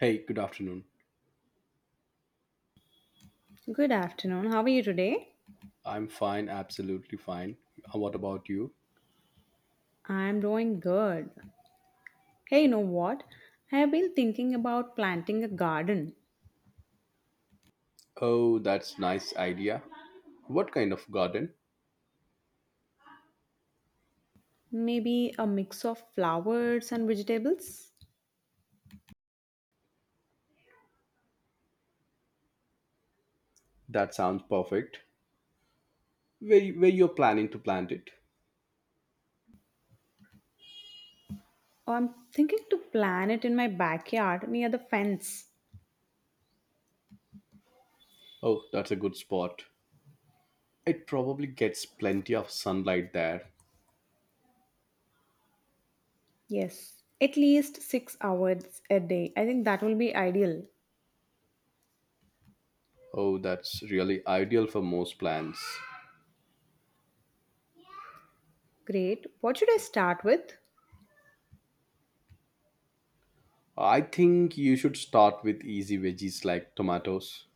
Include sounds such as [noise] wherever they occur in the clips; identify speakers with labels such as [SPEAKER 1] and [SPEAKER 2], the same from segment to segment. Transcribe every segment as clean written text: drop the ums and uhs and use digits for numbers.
[SPEAKER 1] Hey, good afternoon.
[SPEAKER 2] Good afternoon. How are you today?
[SPEAKER 1] I'm fine, absolutely fine. What about you?
[SPEAKER 2] I'm doing good. Hey, you know what? I have been thinking about planting a garden,
[SPEAKER 1] Oh, that's nice idea. What kind of garden?
[SPEAKER 2] maybe a mix of flowers and vegetables.
[SPEAKER 1] That sounds perfect. Where you're planning to plant it?
[SPEAKER 2] Or I'm thinking to plant it in my backyard near the fence.
[SPEAKER 1] Oh, that's a good spot. It probably gets plenty of sunlight there.
[SPEAKER 2] Yes, at least 6 hours a day. I think that will be ideal.
[SPEAKER 1] Oh, that's really ideal for most plants.
[SPEAKER 2] Great. What should I start with?
[SPEAKER 1] I think you should start with easy veggies like tomatoes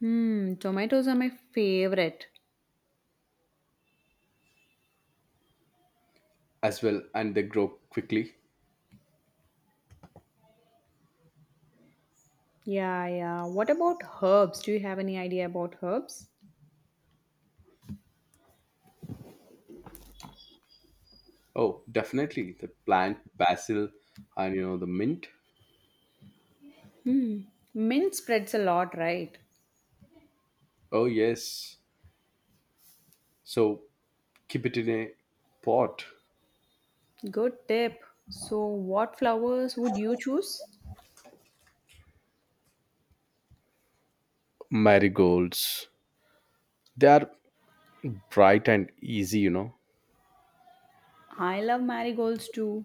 [SPEAKER 2] Hmm, tomatoes are my favorite.
[SPEAKER 1] as well, and they grow quickly.
[SPEAKER 2] Yeah, yeah. What about herbs? Do you have any idea about herbs?
[SPEAKER 1] Oh, definitely. The plant basil and you know the mint.
[SPEAKER 2] Hmm, mint spreads a lot, right?
[SPEAKER 1] Oh, yes. So keep it in a pot.
[SPEAKER 2] Good tip. So, what flowers would you choose?
[SPEAKER 1] Marigolds. They are bright and easy, you know,
[SPEAKER 2] I love marigolds too.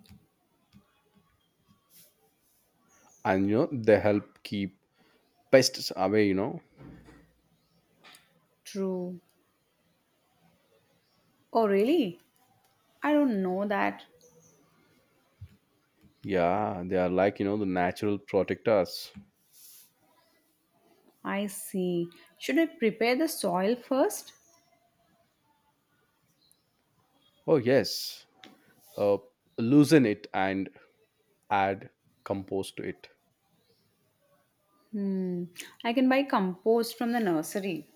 [SPEAKER 1] and you know, they help keep pests away, you know.
[SPEAKER 2] True. Oh, really? I don't know that.
[SPEAKER 1] Yeah, they are like, you know, the natural protectors.
[SPEAKER 2] I see. Should I prepare the soil first?
[SPEAKER 1] Oh, yes. Uh, Loosen it and add compost to it.
[SPEAKER 2] Hmm. I can buy compost from the nursery.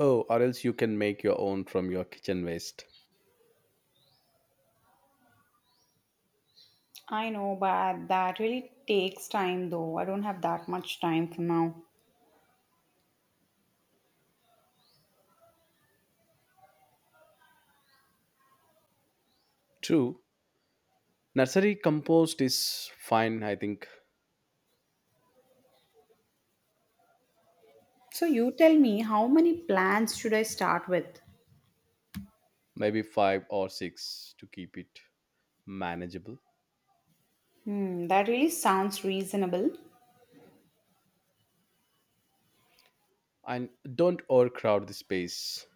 [SPEAKER 1] Oh, or else you can make your own from your kitchen waste.
[SPEAKER 2] I know, but that really takes time though. I don't have that much time for now.
[SPEAKER 1] True. Nursery compost is fine, I think,
[SPEAKER 2] So, you tell me how many plants should I start with?
[SPEAKER 1] maybe five or six to keep it manageable.
[SPEAKER 2] Hmm, that really sounds reasonable.
[SPEAKER 1] And don't overcrowd the space.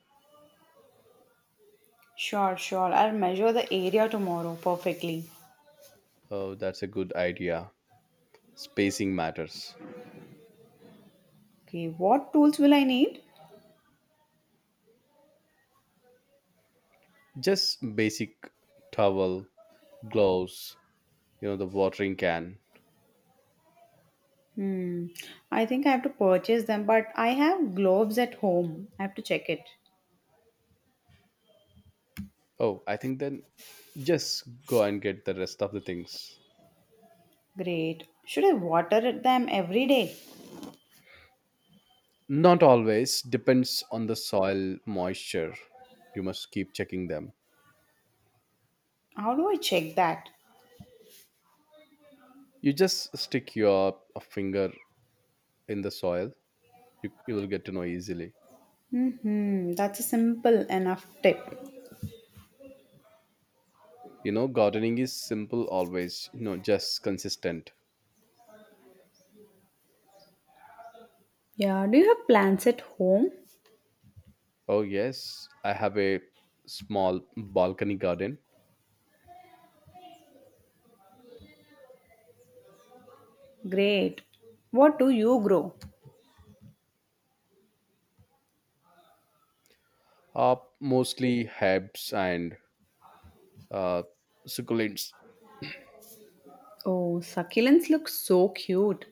[SPEAKER 2] Sure, sure. I'll measure the area tomorrow perfectly.
[SPEAKER 1] Oh, that's a good idea. Spacing matters.
[SPEAKER 2] Okay, what tools will I need?
[SPEAKER 1] Just basic towel, gloves, you know, the watering can.
[SPEAKER 2] Hmm, I think I have to purchase them, but I have gloves at home. I have to check it.
[SPEAKER 1] Oh, I think then just go and get the rest of the things.
[SPEAKER 2] Great. Should I water it them every day?
[SPEAKER 1] Not always, depends on the soil moisture. You must keep checking them.
[SPEAKER 2] How do I check that?
[SPEAKER 1] You just stick your finger in the soil. You will get to know easily.
[SPEAKER 2] Hmm, that's a simple enough tip.
[SPEAKER 1] You know, gardening is simple always, you know, just consistent.
[SPEAKER 2] Yeah, do you have plants at home?
[SPEAKER 1] Oh, yes, I have a small balcony garden.
[SPEAKER 2] Great. What do you grow?
[SPEAKER 1] Mostly herbs and uh, succulents,
[SPEAKER 2] Oh, succulents look so cute.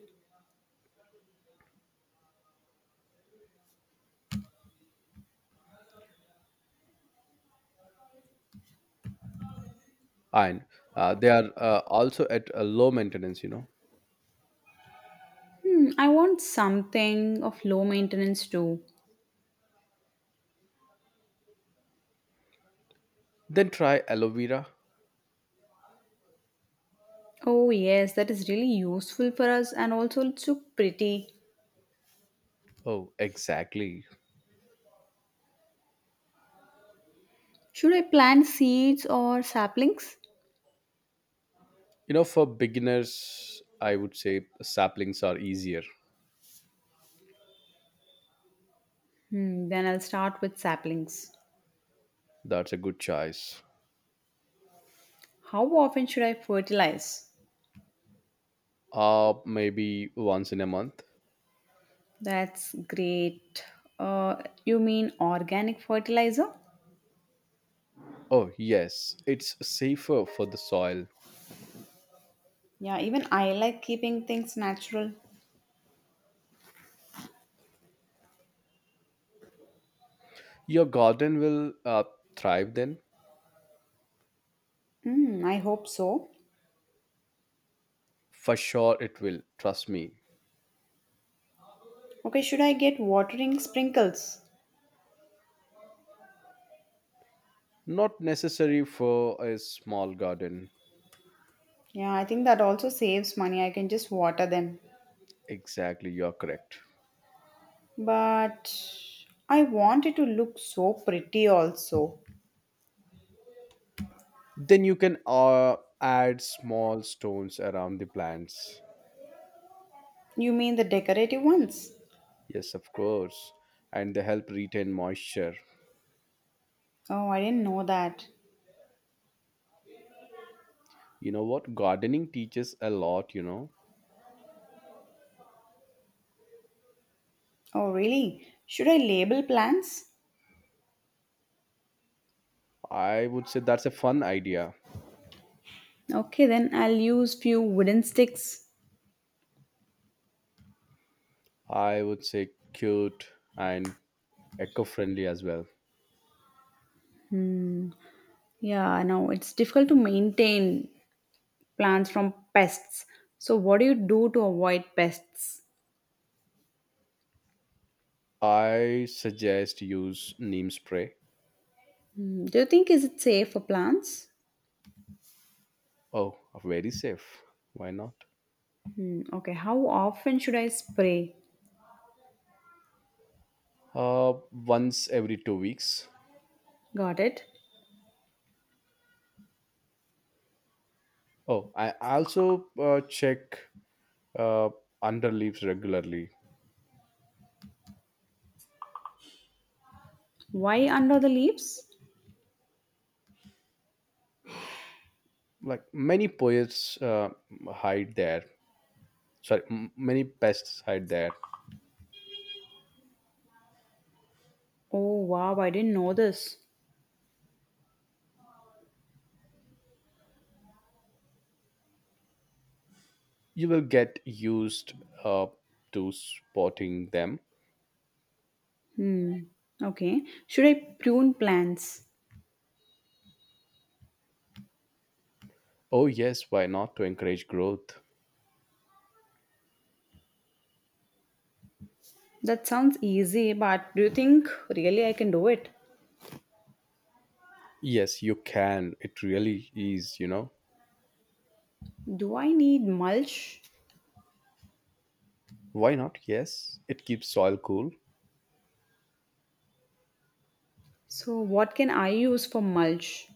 [SPEAKER 1] and they are also at a low maintenance, you know.
[SPEAKER 2] Hmm, I want something of low maintenance too.
[SPEAKER 1] Then try aloe vera.
[SPEAKER 2] Oh, yes, that is really useful for us and also looks so pretty.
[SPEAKER 1] Oh, exactly.
[SPEAKER 2] Should I plant seeds or saplings?
[SPEAKER 1] You know, for beginners, I would say saplings are easier.
[SPEAKER 2] Hmm, then I'll start with saplings.
[SPEAKER 1] That's a good choice.
[SPEAKER 2] How often should I fertilize?
[SPEAKER 1] Maybe once in a month.
[SPEAKER 2] That's great. Uh, you mean organic fertilizer?
[SPEAKER 1] Oh, yes, it's safer for the soil.
[SPEAKER 2] Yeah, even I like keeping things natural.
[SPEAKER 1] Your garden will thrive then.
[SPEAKER 2] Hmm, I hope so.
[SPEAKER 1] For sure, it will. Trust me.
[SPEAKER 2] Okay, should I get watering sprinkles?
[SPEAKER 1] Not necessary for a small garden.
[SPEAKER 2] Yeah, I think that also saves money. I can just water them.
[SPEAKER 1] Exactly, you're correct.
[SPEAKER 2] But I want it to look so pretty also.
[SPEAKER 1] Then you can add small stones around the plants.
[SPEAKER 2] You mean the decorative ones?
[SPEAKER 1] Yes, of course. And they help retain moisture.
[SPEAKER 2] Oh, I didn't know that.
[SPEAKER 1] You know what? Gardening teaches a lot, you know.
[SPEAKER 2] Oh, really? Should I label plants?
[SPEAKER 1] I would say that's a fun idea.
[SPEAKER 2] Okay, then I'll use few wooden sticks.
[SPEAKER 1] I would say cute and eco friendly as well.
[SPEAKER 2] Yeah, no, it's difficult to maintain plants from pests. So what do you do to avoid pests?
[SPEAKER 1] I suggest use neem spray.
[SPEAKER 2] Hmm, do you think is it safe for plants?
[SPEAKER 1] Oh, very safe. Why not?
[SPEAKER 2] Hmm, okay, how often should I spray?
[SPEAKER 1] Once every 2 weeks.
[SPEAKER 2] Got it.
[SPEAKER 1] Oh, I also check uh, under leaves regularly.
[SPEAKER 2] Why under the leaves?
[SPEAKER 1] Like many poets hide there. Sorry, many pests hide there.
[SPEAKER 2] Oh wow, I didn't know this.
[SPEAKER 1] You will get used uh, to spotting them.
[SPEAKER 2] Hmm. Okay. Should I prune plants?
[SPEAKER 1] Oh yes, why not to encourage growth?
[SPEAKER 2] That sounds easy, but do you think really I can do it?
[SPEAKER 1] Yes, you can. It really is. You know
[SPEAKER 2] Do I need mulch?
[SPEAKER 1] why not? Yes, it keeps soil cool.
[SPEAKER 2] So, what can I use for mulch?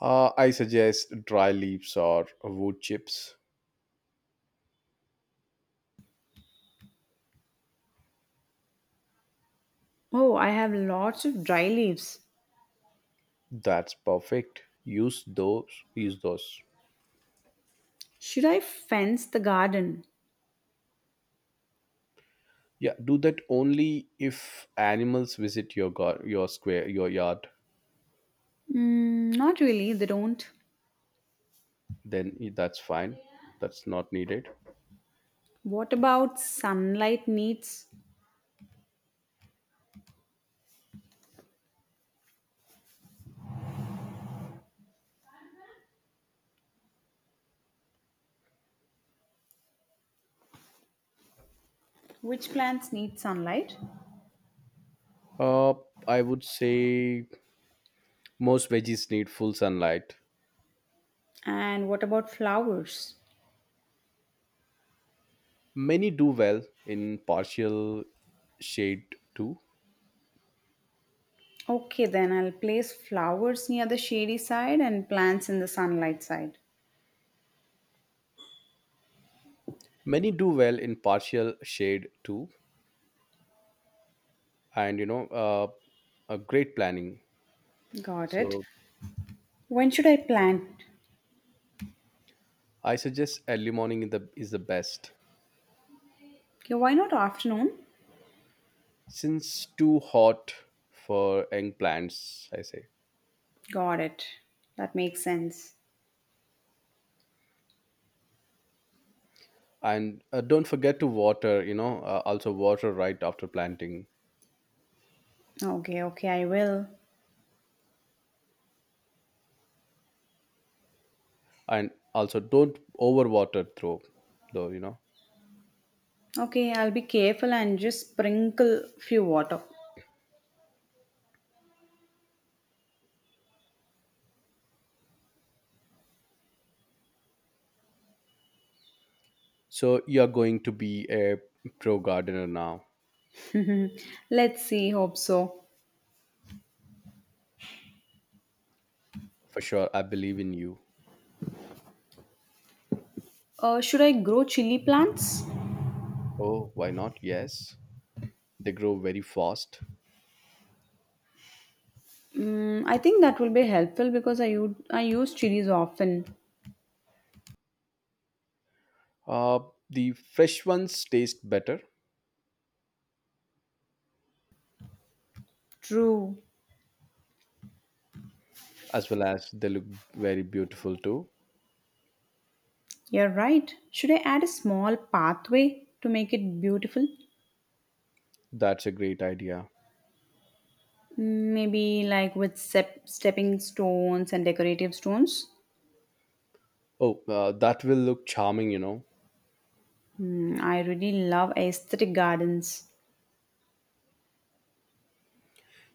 [SPEAKER 1] I suggest dry leaves or wood chips.
[SPEAKER 2] Oh, I have lots of dry leaves.
[SPEAKER 1] That's perfect. Use those. Use those.
[SPEAKER 2] Should I fence the garden?
[SPEAKER 1] Yeah, do that only if animals visit your square, your yard.
[SPEAKER 2] Mm, not really, they don't.
[SPEAKER 1] Then that's fine. That's not needed.
[SPEAKER 2] What about sunlight needs? Which plants need sunlight?
[SPEAKER 1] Uh, I would say most veggies need full sunlight.
[SPEAKER 2] And what about flowers?
[SPEAKER 1] Many do well in partial shade too.
[SPEAKER 2] Okay, then I'll place flowers near the shady side and plants in the sunlight side.
[SPEAKER 1] Many do well in partial shade too, and you know, a great planning.
[SPEAKER 2] Got it.
[SPEAKER 1] So
[SPEAKER 2] When should I plan?
[SPEAKER 1] I suggest early morning in the is the best.
[SPEAKER 2] Okay, why not afternoon?
[SPEAKER 1] Since too hot for young plants, I say.
[SPEAKER 2] Got it. That makes sense.
[SPEAKER 1] And don't forget to water, you know, also water right after planting.
[SPEAKER 2] Okay, okay, I will.
[SPEAKER 1] And also don't overwater through though, you know.
[SPEAKER 2] Okay, I'll be careful and just sprinkle few water.
[SPEAKER 1] So you're going to be a pro gardener now.
[SPEAKER 2] Let's see, hope so.
[SPEAKER 1] For sure, I believe in you.
[SPEAKER 2] Should I grow chili plants?
[SPEAKER 1] Oh, why not? Yes, they grow very fast.
[SPEAKER 2] Mm, I think that will be helpful because I use chilies often.
[SPEAKER 1] uh, the fresh ones taste better,
[SPEAKER 2] True.
[SPEAKER 1] as well as they look very beautiful too.
[SPEAKER 2] You're right. Should I add a small pathway to make it beautiful?
[SPEAKER 1] That's a great idea.
[SPEAKER 2] Mm, maybe like with stepping stones and decorative stones?
[SPEAKER 1] Oh, that will look charming, you know.
[SPEAKER 2] Mm, I really love aesthetic gardens.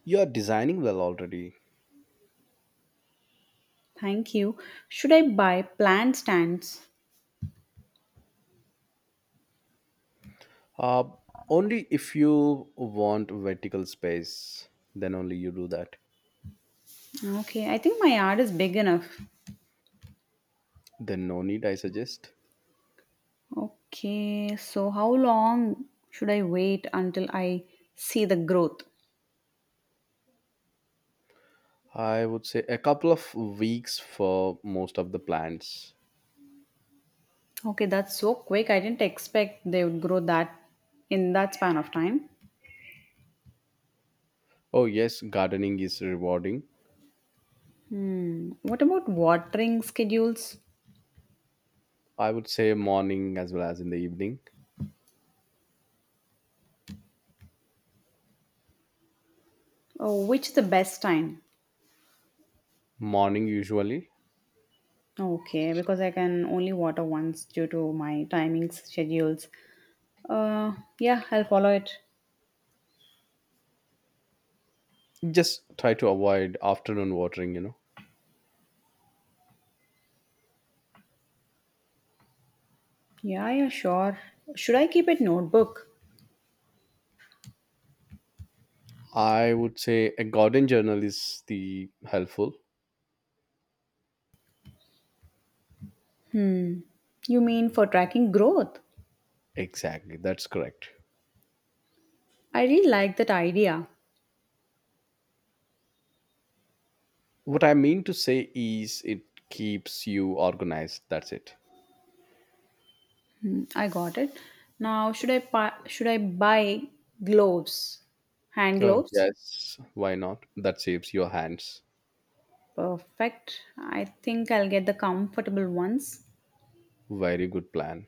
[SPEAKER 1] You're designing well already.
[SPEAKER 2] Thank you. Should I buy plant stands?
[SPEAKER 1] Uh, Only if you want vertical space, then only you do that.
[SPEAKER 2] Okay, I think my yard is big enough.
[SPEAKER 1] Then no need, I suggest.
[SPEAKER 2] Okay, so how long should I wait until I see the growth?
[SPEAKER 1] I would say a couple of weeks for most of the plants.
[SPEAKER 2] Okay, that's so quick. I didn't expect they would grow that in that span of time.
[SPEAKER 1] Oh, yes, gardening is rewarding.
[SPEAKER 2] Hmm. What about watering schedules?
[SPEAKER 1] I would say morning as well as in the evening.
[SPEAKER 2] Oh, which is the best time?
[SPEAKER 1] Morning, usually.
[SPEAKER 2] Okay, because I can only water once due to my timings, schedules. Uh, yeah, I'll follow it.
[SPEAKER 1] Just try to avoid afternoon watering, you know.
[SPEAKER 2] Yeah, yeah, sure. Should I keep it notebook?
[SPEAKER 1] I would say a garden journal is the helpful.
[SPEAKER 2] Hmm. You mean for tracking growth?
[SPEAKER 1] Exactly, that's correct.
[SPEAKER 2] I really like that idea.
[SPEAKER 1] What I mean to say is, it keeps you organized. That's it.
[SPEAKER 2] Hmm, I got it. Now, should I buy gloves? Hand
[SPEAKER 1] Oh,
[SPEAKER 2] gloves?
[SPEAKER 1] yes. Why not? That saves your hands.
[SPEAKER 2] Perfect. I think I'll get the comfortable ones.
[SPEAKER 1] Very good plan.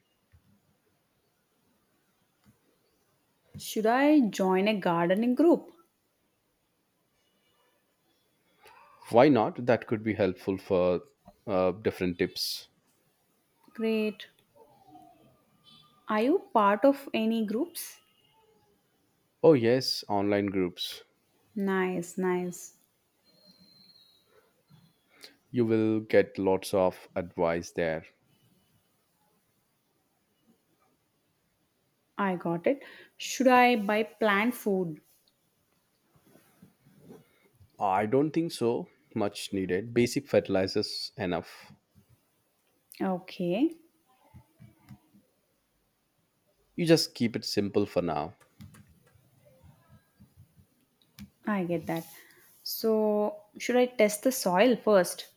[SPEAKER 2] Should I join a gardening group?
[SPEAKER 1] Why not? That could be helpful for different tips.
[SPEAKER 2] Great. Are you part of any groups?
[SPEAKER 1] Oh, yes. Online groups.
[SPEAKER 2] Nice, nice.
[SPEAKER 1] You will get lots of advice there.
[SPEAKER 2] I got it. Should I buy plant food?
[SPEAKER 1] I don't think so. Much needed. Basic fertilizers enough.
[SPEAKER 2] Okay,
[SPEAKER 1] You just keep it simple for now.
[SPEAKER 2] I get that. So, should I test the soil first?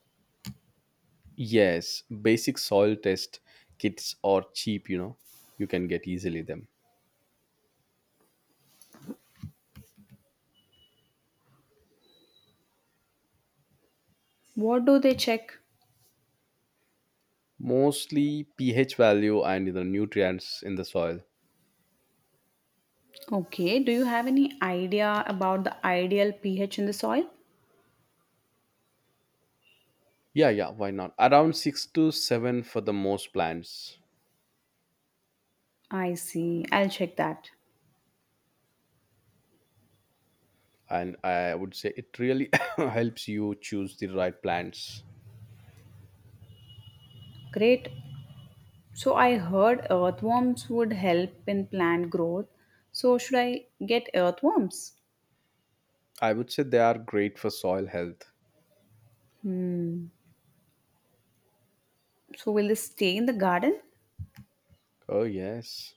[SPEAKER 1] Yes. Basic soil test kits are cheap, you know. You can get easily them.
[SPEAKER 2] What do they check?
[SPEAKER 1] Mostly pH value and the nutrients in the soil.
[SPEAKER 2] Okay, do you have any idea about the ideal pH in the soil?
[SPEAKER 1] Yeah, yeah, why not? Around six to seven for the most plants.
[SPEAKER 2] I see. I'll check that.
[SPEAKER 1] And I would say it really [laughs] [coughs] helps you choose the right plants.
[SPEAKER 2] Great. So, I heard earthworms would help in plant growth. So, should I get earthworms?
[SPEAKER 1] I would say they are great for soil health.
[SPEAKER 2] Hmm. So, will this stay in the garden?
[SPEAKER 1] Oh, yes.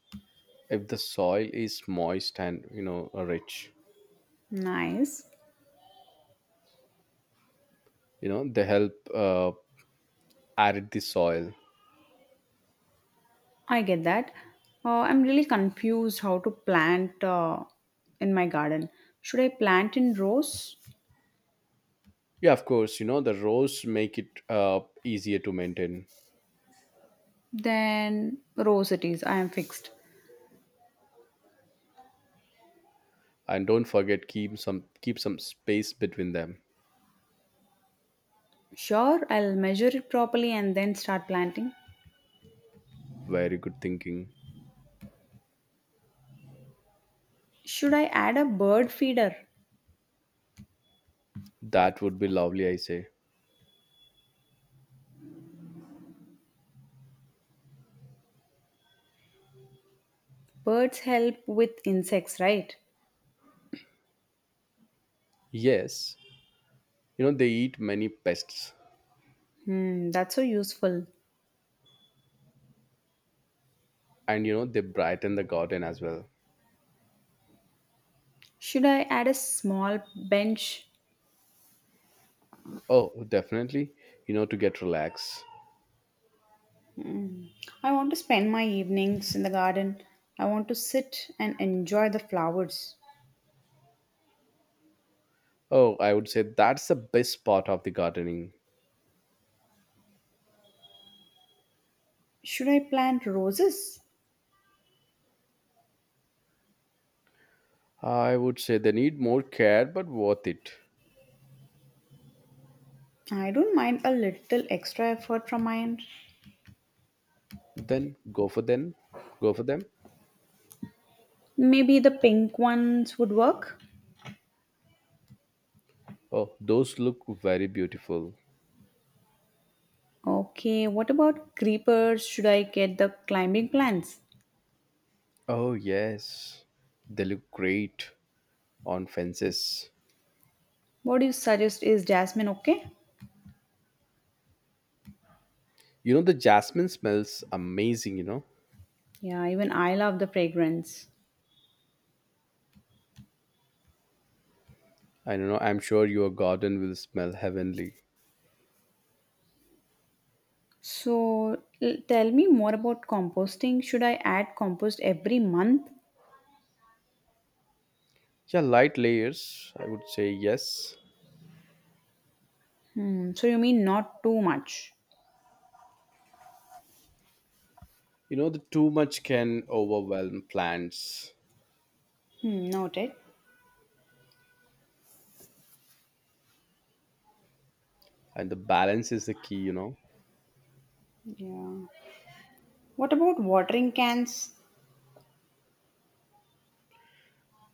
[SPEAKER 1] If the soil is moist and, you know, rich,
[SPEAKER 2] Nice.
[SPEAKER 1] you know, they help arid the soil.
[SPEAKER 2] I get that. I'm really confused how to plant in my garden. Should I plant in rows?
[SPEAKER 1] Yeah, of course, you know, the rows make it easier to maintain.
[SPEAKER 2] Then rows it is. I am fixed.
[SPEAKER 1] And don't forget, keep some space between them.
[SPEAKER 2] Sure, I'll measure it properly and then start planting.
[SPEAKER 1] Very good thinking.
[SPEAKER 2] Should I add a bird feeder?
[SPEAKER 1] That would be lovely, I say.
[SPEAKER 2] Birds help with insects, right?
[SPEAKER 1] Yes, you know, they eat many pests,
[SPEAKER 2] Hmm, that's so useful.
[SPEAKER 1] and, you know, they brighten the garden as well.
[SPEAKER 2] Should I add a small bench?
[SPEAKER 1] Oh, definitely, you know, to get relaxed.
[SPEAKER 2] I want to spend my evenings in the garden. I want to sit and enjoy the flowers.
[SPEAKER 1] Oh, I would say that's the best part of the gardening.
[SPEAKER 2] Should I plant roses?
[SPEAKER 1] I would say they need more care, but worth it.
[SPEAKER 2] I don't mind a little extra effort from my end.
[SPEAKER 1] Then go for them. Go for them.
[SPEAKER 2] Maybe the pink ones would work.
[SPEAKER 1] Oh, those look very beautiful.
[SPEAKER 2] Okay, what about creepers? Should I get the climbing plants?
[SPEAKER 1] Oh, yes. They look great on fences.
[SPEAKER 2] What do you suggest? Is jasmine okay?
[SPEAKER 1] You know, the jasmine smells amazing, you know.
[SPEAKER 2] Yeah, even I love the fragrance.
[SPEAKER 1] I don't know. I'm sure your garden will smell heavenly.
[SPEAKER 2] Tell me more about composting. Should I add compost every month?
[SPEAKER 1] Yeah, light layers. I would say yes.
[SPEAKER 2] Hmm, so, you mean not too much?
[SPEAKER 1] You know, the too much can overwhelm plants,
[SPEAKER 2] Hmm, noted.
[SPEAKER 1] and the balance is the key. You know,
[SPEAKER 2] Yeah. What about watering cans?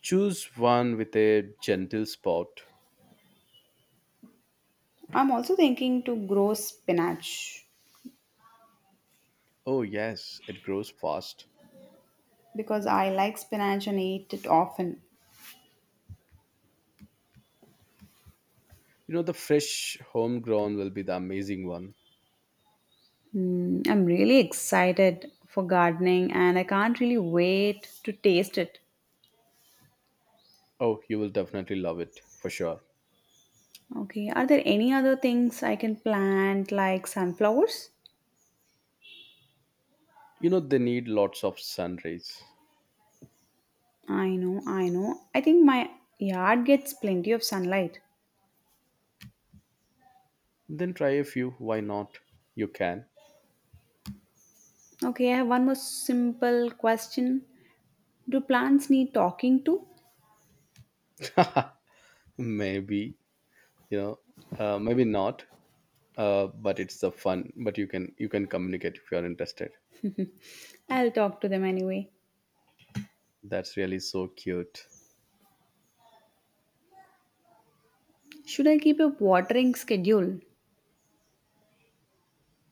[SPEAKER 1] choose one with a gentle spot.
[SPEAKER 2] I'm also thinking to grow spinach.
[SPEAKER 1] Oh yes, it grows fast.
[SPEAKER 2] Because I like spinach and eat it often.
[SPEAKER 1] You know, the fresh homegrown will be the amazing one.
[SPEAKER 2] Mm, I'm really excited for gardening and I can't really wait to taste it.
[SPEAKER 1] Oh, you will definitely love it for sure.
[SPEAKER 2] Okay, are there any other things I can plant like sunflowers?
[SPEAKER 1] You know, they need lots of sun rays.
[SPEAKER 2] I know, I know. I think my yard gets plenty of sunlight.
[SPEAKER 1] Then try a few. Why not? You can.
[SPEAKER 2] Okay, I have one more simple question. Do plants need talking to?
[SPEAKER 1] Maybe, you know, maybe not. But it's the fun, but you can communicate if you're interested.
[SPEAKER 2] I'll talk to them anyway.
[SPEAKER 1] That's really so cute.
[SPEAKER 2] Should I keep a watering schedule?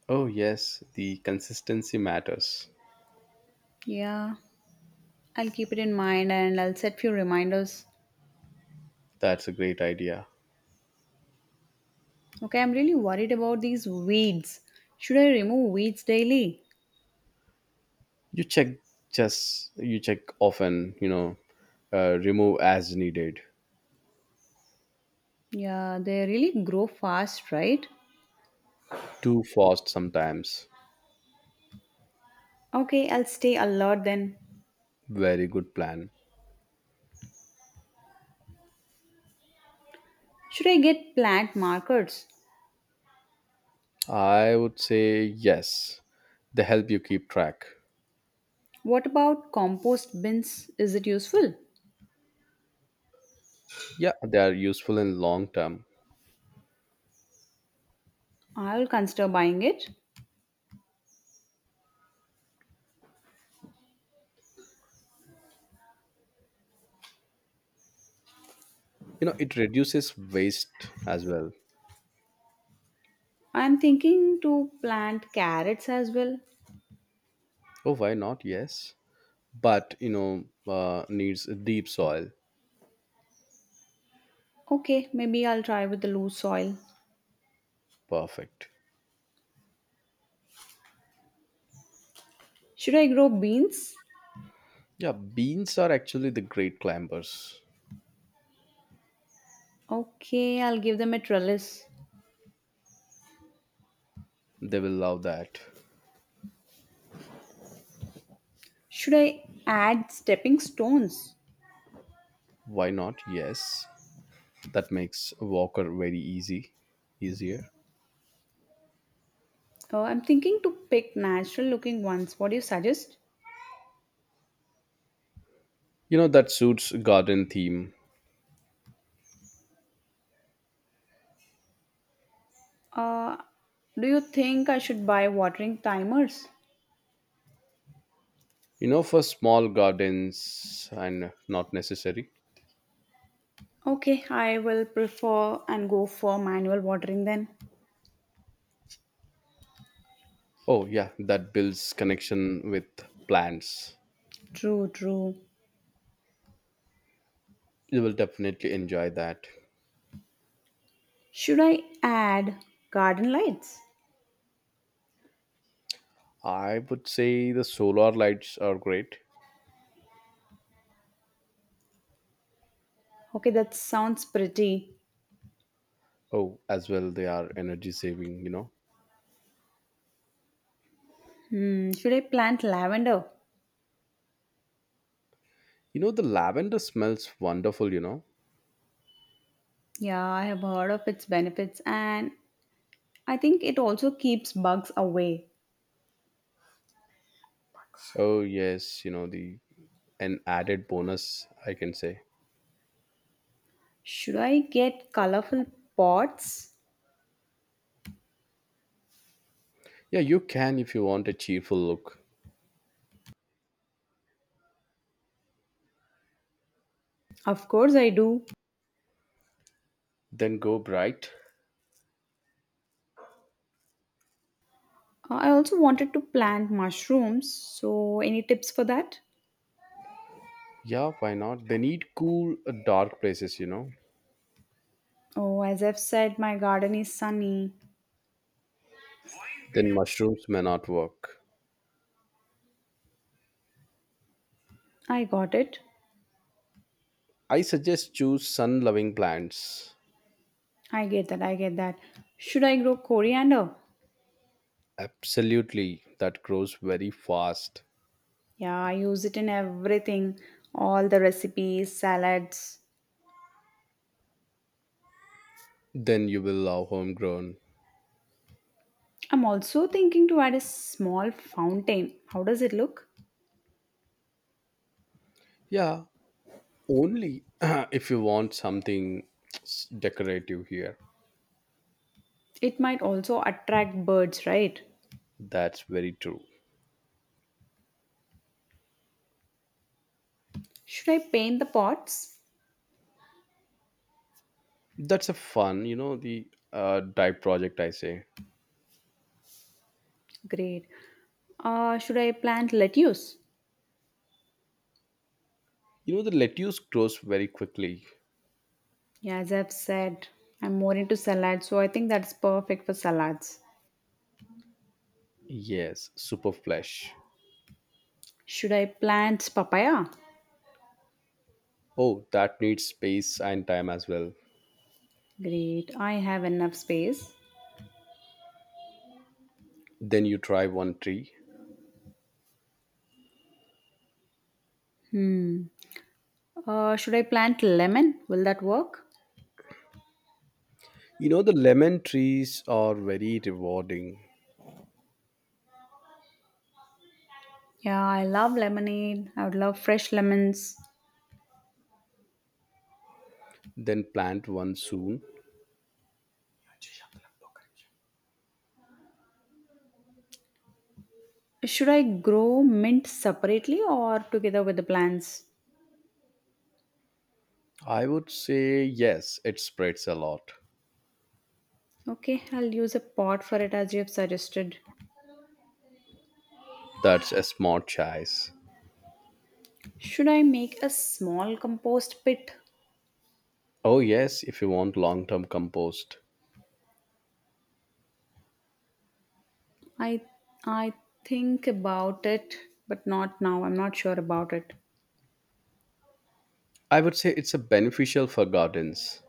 [SPEAKER 1] Oh yes, the consistency matters.
[SPEAKER 2] Yeah, I'll keep it in mind and I'll set few reminders.
[SPEAKER 1] That's a great idea.
[SPEAKER 2] Okay, I'm really worried about these weeds. Should I remove weeds daily?
[SPEAKER 1] You check, just you check often, you know, remove as needed.
[SPEAKER 2] Yeah, they really grow fast, right?
[SPEAKER 1] Too fast sometimes.
[SPEAKER 2] Okay, I'll stay alert then.
[SPEAKER 1] Very good plan.
[SPEAKER 2] Should I get plant markers?
[SPEAKER 1] I would say yes, they help you keep track.
[SPEAKER 2] What about compost bins? Is it useful?
[SPEAKER 1] Yeah, they are useful in long term.
[SPEAKER 2] I'll consider buying it.
[SPEAKER 1] You know, it reduces waste as well.
[SPEAKER 2] I'm thinking to plant carrots as well.
[SPEAKER 1] Oh, why not? Yes, but you know, needs a deep soil.
[SPEAKER 2] Okay, maybe I'll try with the loose soil.
[SPEAKER 1] Perfect.
[SPEAKER 2] Should I grow beans?
[SPEAKER 1] Yeah, beans are actually the great climbers.
[SPEAKER 2] Okay, I'll give them a trellis.
[SPEAKER 1] They will love that.
[SPEAKER 2] Should I add stepping stones?
[SPEAKER 1] Why not? Yes, that makes walker very easy easier.
[SPEAKER 2] I'm thinking to pick natural looking ones. What do you suggest?
[SPEAKER 1] You know, that suits garden theme.
[SPEAKER 2] Uh, do you think I should buy watering timers?
[SPEAKER 1] You know, for small gardens and not necessary.
[SPEAKER 2] Okay, I will prefer and go for manual watering then.
[SPEAKER 1] Oh yeah, that builds connection with plants.
[SPEAKER 2] True, true.
[SPEAKER 1] You will definitely enjoy that.
[SPEAKER 2] Should I add garden lights?
[SPEAKER 1] I would say the solar lights are great.
[SPEAKER 2] Okay, that sounds pretty.
[SPEAKER 1] Oh, as well, they are energy saving, you know.
[SPEAKER 2] Hmm, should I plant lavender?
[SPEAKER 1] You know, the lavender smells wonderful, you know.
[SPEAKER 2] Yeah, I have heard of its benefits and I think it also keeps bugs away.
[SPEAKER 1] Oh, yes, you know, the an added bonus, I can say.
[SPEAKER 2] Should I get colorful pots?
[SPEAKER 1] Yeah, you can if you want a cheerful look.
[SPEAKER 2] Of course, I do.
[SPEAKER 1] Then go bright.
[SPEAKER 2] I also wanted to plant mushrooms, so any tips for that?
[SPEAKER 1] Yeah, why not? They need cool, dark places, you know.
[SPEAKER 2] Oh, as I've said, my garden is sunny.
[SPEAKER 1] Then mushrooms may not work.
[SPEAKER 2] I got it.
[SPEAKER 1] I suggest choose sun loving plants.
[SPEAKER 2] I get that. I get that. Should I grow coriander?
[SPEAKER 1] Absolutely, that grows very fast.
[SPEAKER 2] Yeah, I use it in everything, all the recipes, salads.
[SPEAKER 1] Then you will love homegrown.
[SPEAKER 2] I'm also thinking to add a small fountain. How does it look?
[SPEAKER 1] Yeah, only [clears throat] if you want something decorative here.
[SPEAKER 2] It might also attract birds, right?
[SPEAKER 1] That's very true.
[SPEAKER 2] Should I paint the pots?
[SPEAKER 1] That's a fun, you know, the dye project, I say.
[SPEAKER 2] Great. Should I plant lettuce?
[SPEAKER 1] You know, the lettuce grows very quickly.
[SPEAKER 2] Yeah, as I've said, I'm more into salads, so I think that's perfect for salads.
[SPEAKER 1] Yes, super flesh.
[SPEAKER 2] Should I plant papaya?
[SPEAKER 1] Oh, that needs space and time as well.
[SPEAKER 2] Great, I have enough space.
[SPEAKER 1] Then you try one tree.
[SPEAKER 2] Hmm. Should I plant lemon? Will that work?
[SPEAKER 1] You know, the lemon trees are very rewarding.
[SPEAKER 2] Yeah, I love lemonade. I would love fresh lemons.
[SPEAKER 1] Then plant one soon.
[SPEAKER 2] Should I grow mint separately or together with the plants?
[SPEAKER 1] I would say yes, it spreads a lot.
[SPEAKER 2] Okay, I'll use a pot for it as you have suggested.
[SPEAKER 1] That's a smart choice.
[SPEAKER 2] Should I make a small compost pit?
[SPEAKER 1] Oh, yes, if you want long term compost.
[SPEAKER 2] I I think about it, but not now. I'm not sure about it.
[SPEAKER 1] I would say it's a beneficial for gardens.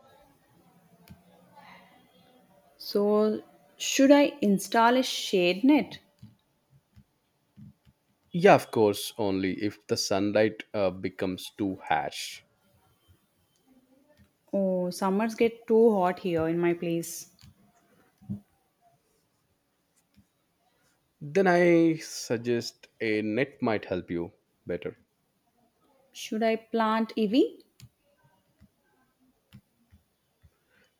[SPEAKER 2] So should I install a shade net?
[SPEAKER 1] Yeah, of course, only if the sunlight becomes too harsh.
[SPEAKER 2] Oh, summers get too hot here in my place.
[SPEAKER 1] Then I suggest a net might help you better.
[SPEAKER 2] Should I plant EV?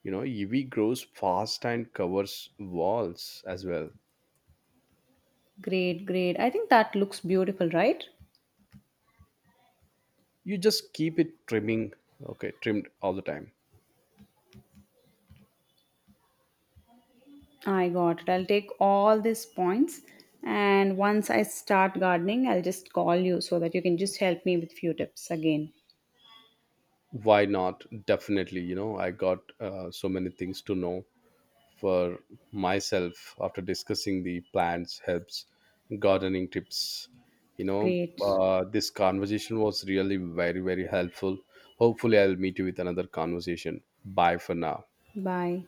[SPEAKER 1] You know, EV grows fast and covers walls as well.
[SPEAKER 2] Great, great. I think that looks beautiful, right?
[SPEAKER 1] You just keep it trimming, okay, trimmed all the time.
[SPEAKER 2] I got it. I'll take all these points and once I start gardening, I'll just call you so that you can just help me with few tips again.
[SPEAKER 1] Why not? Definitely, you know, I got so many things to know for myself after discussing the plants, helps, gardening tips. You know,
[SPEAKER 2] Great.
[SPEAKER 1] this conversation was really very, very helpful. Hopefully, I'll meet you with another conversation. Bye for now.
[SPEAKER 2] Bye.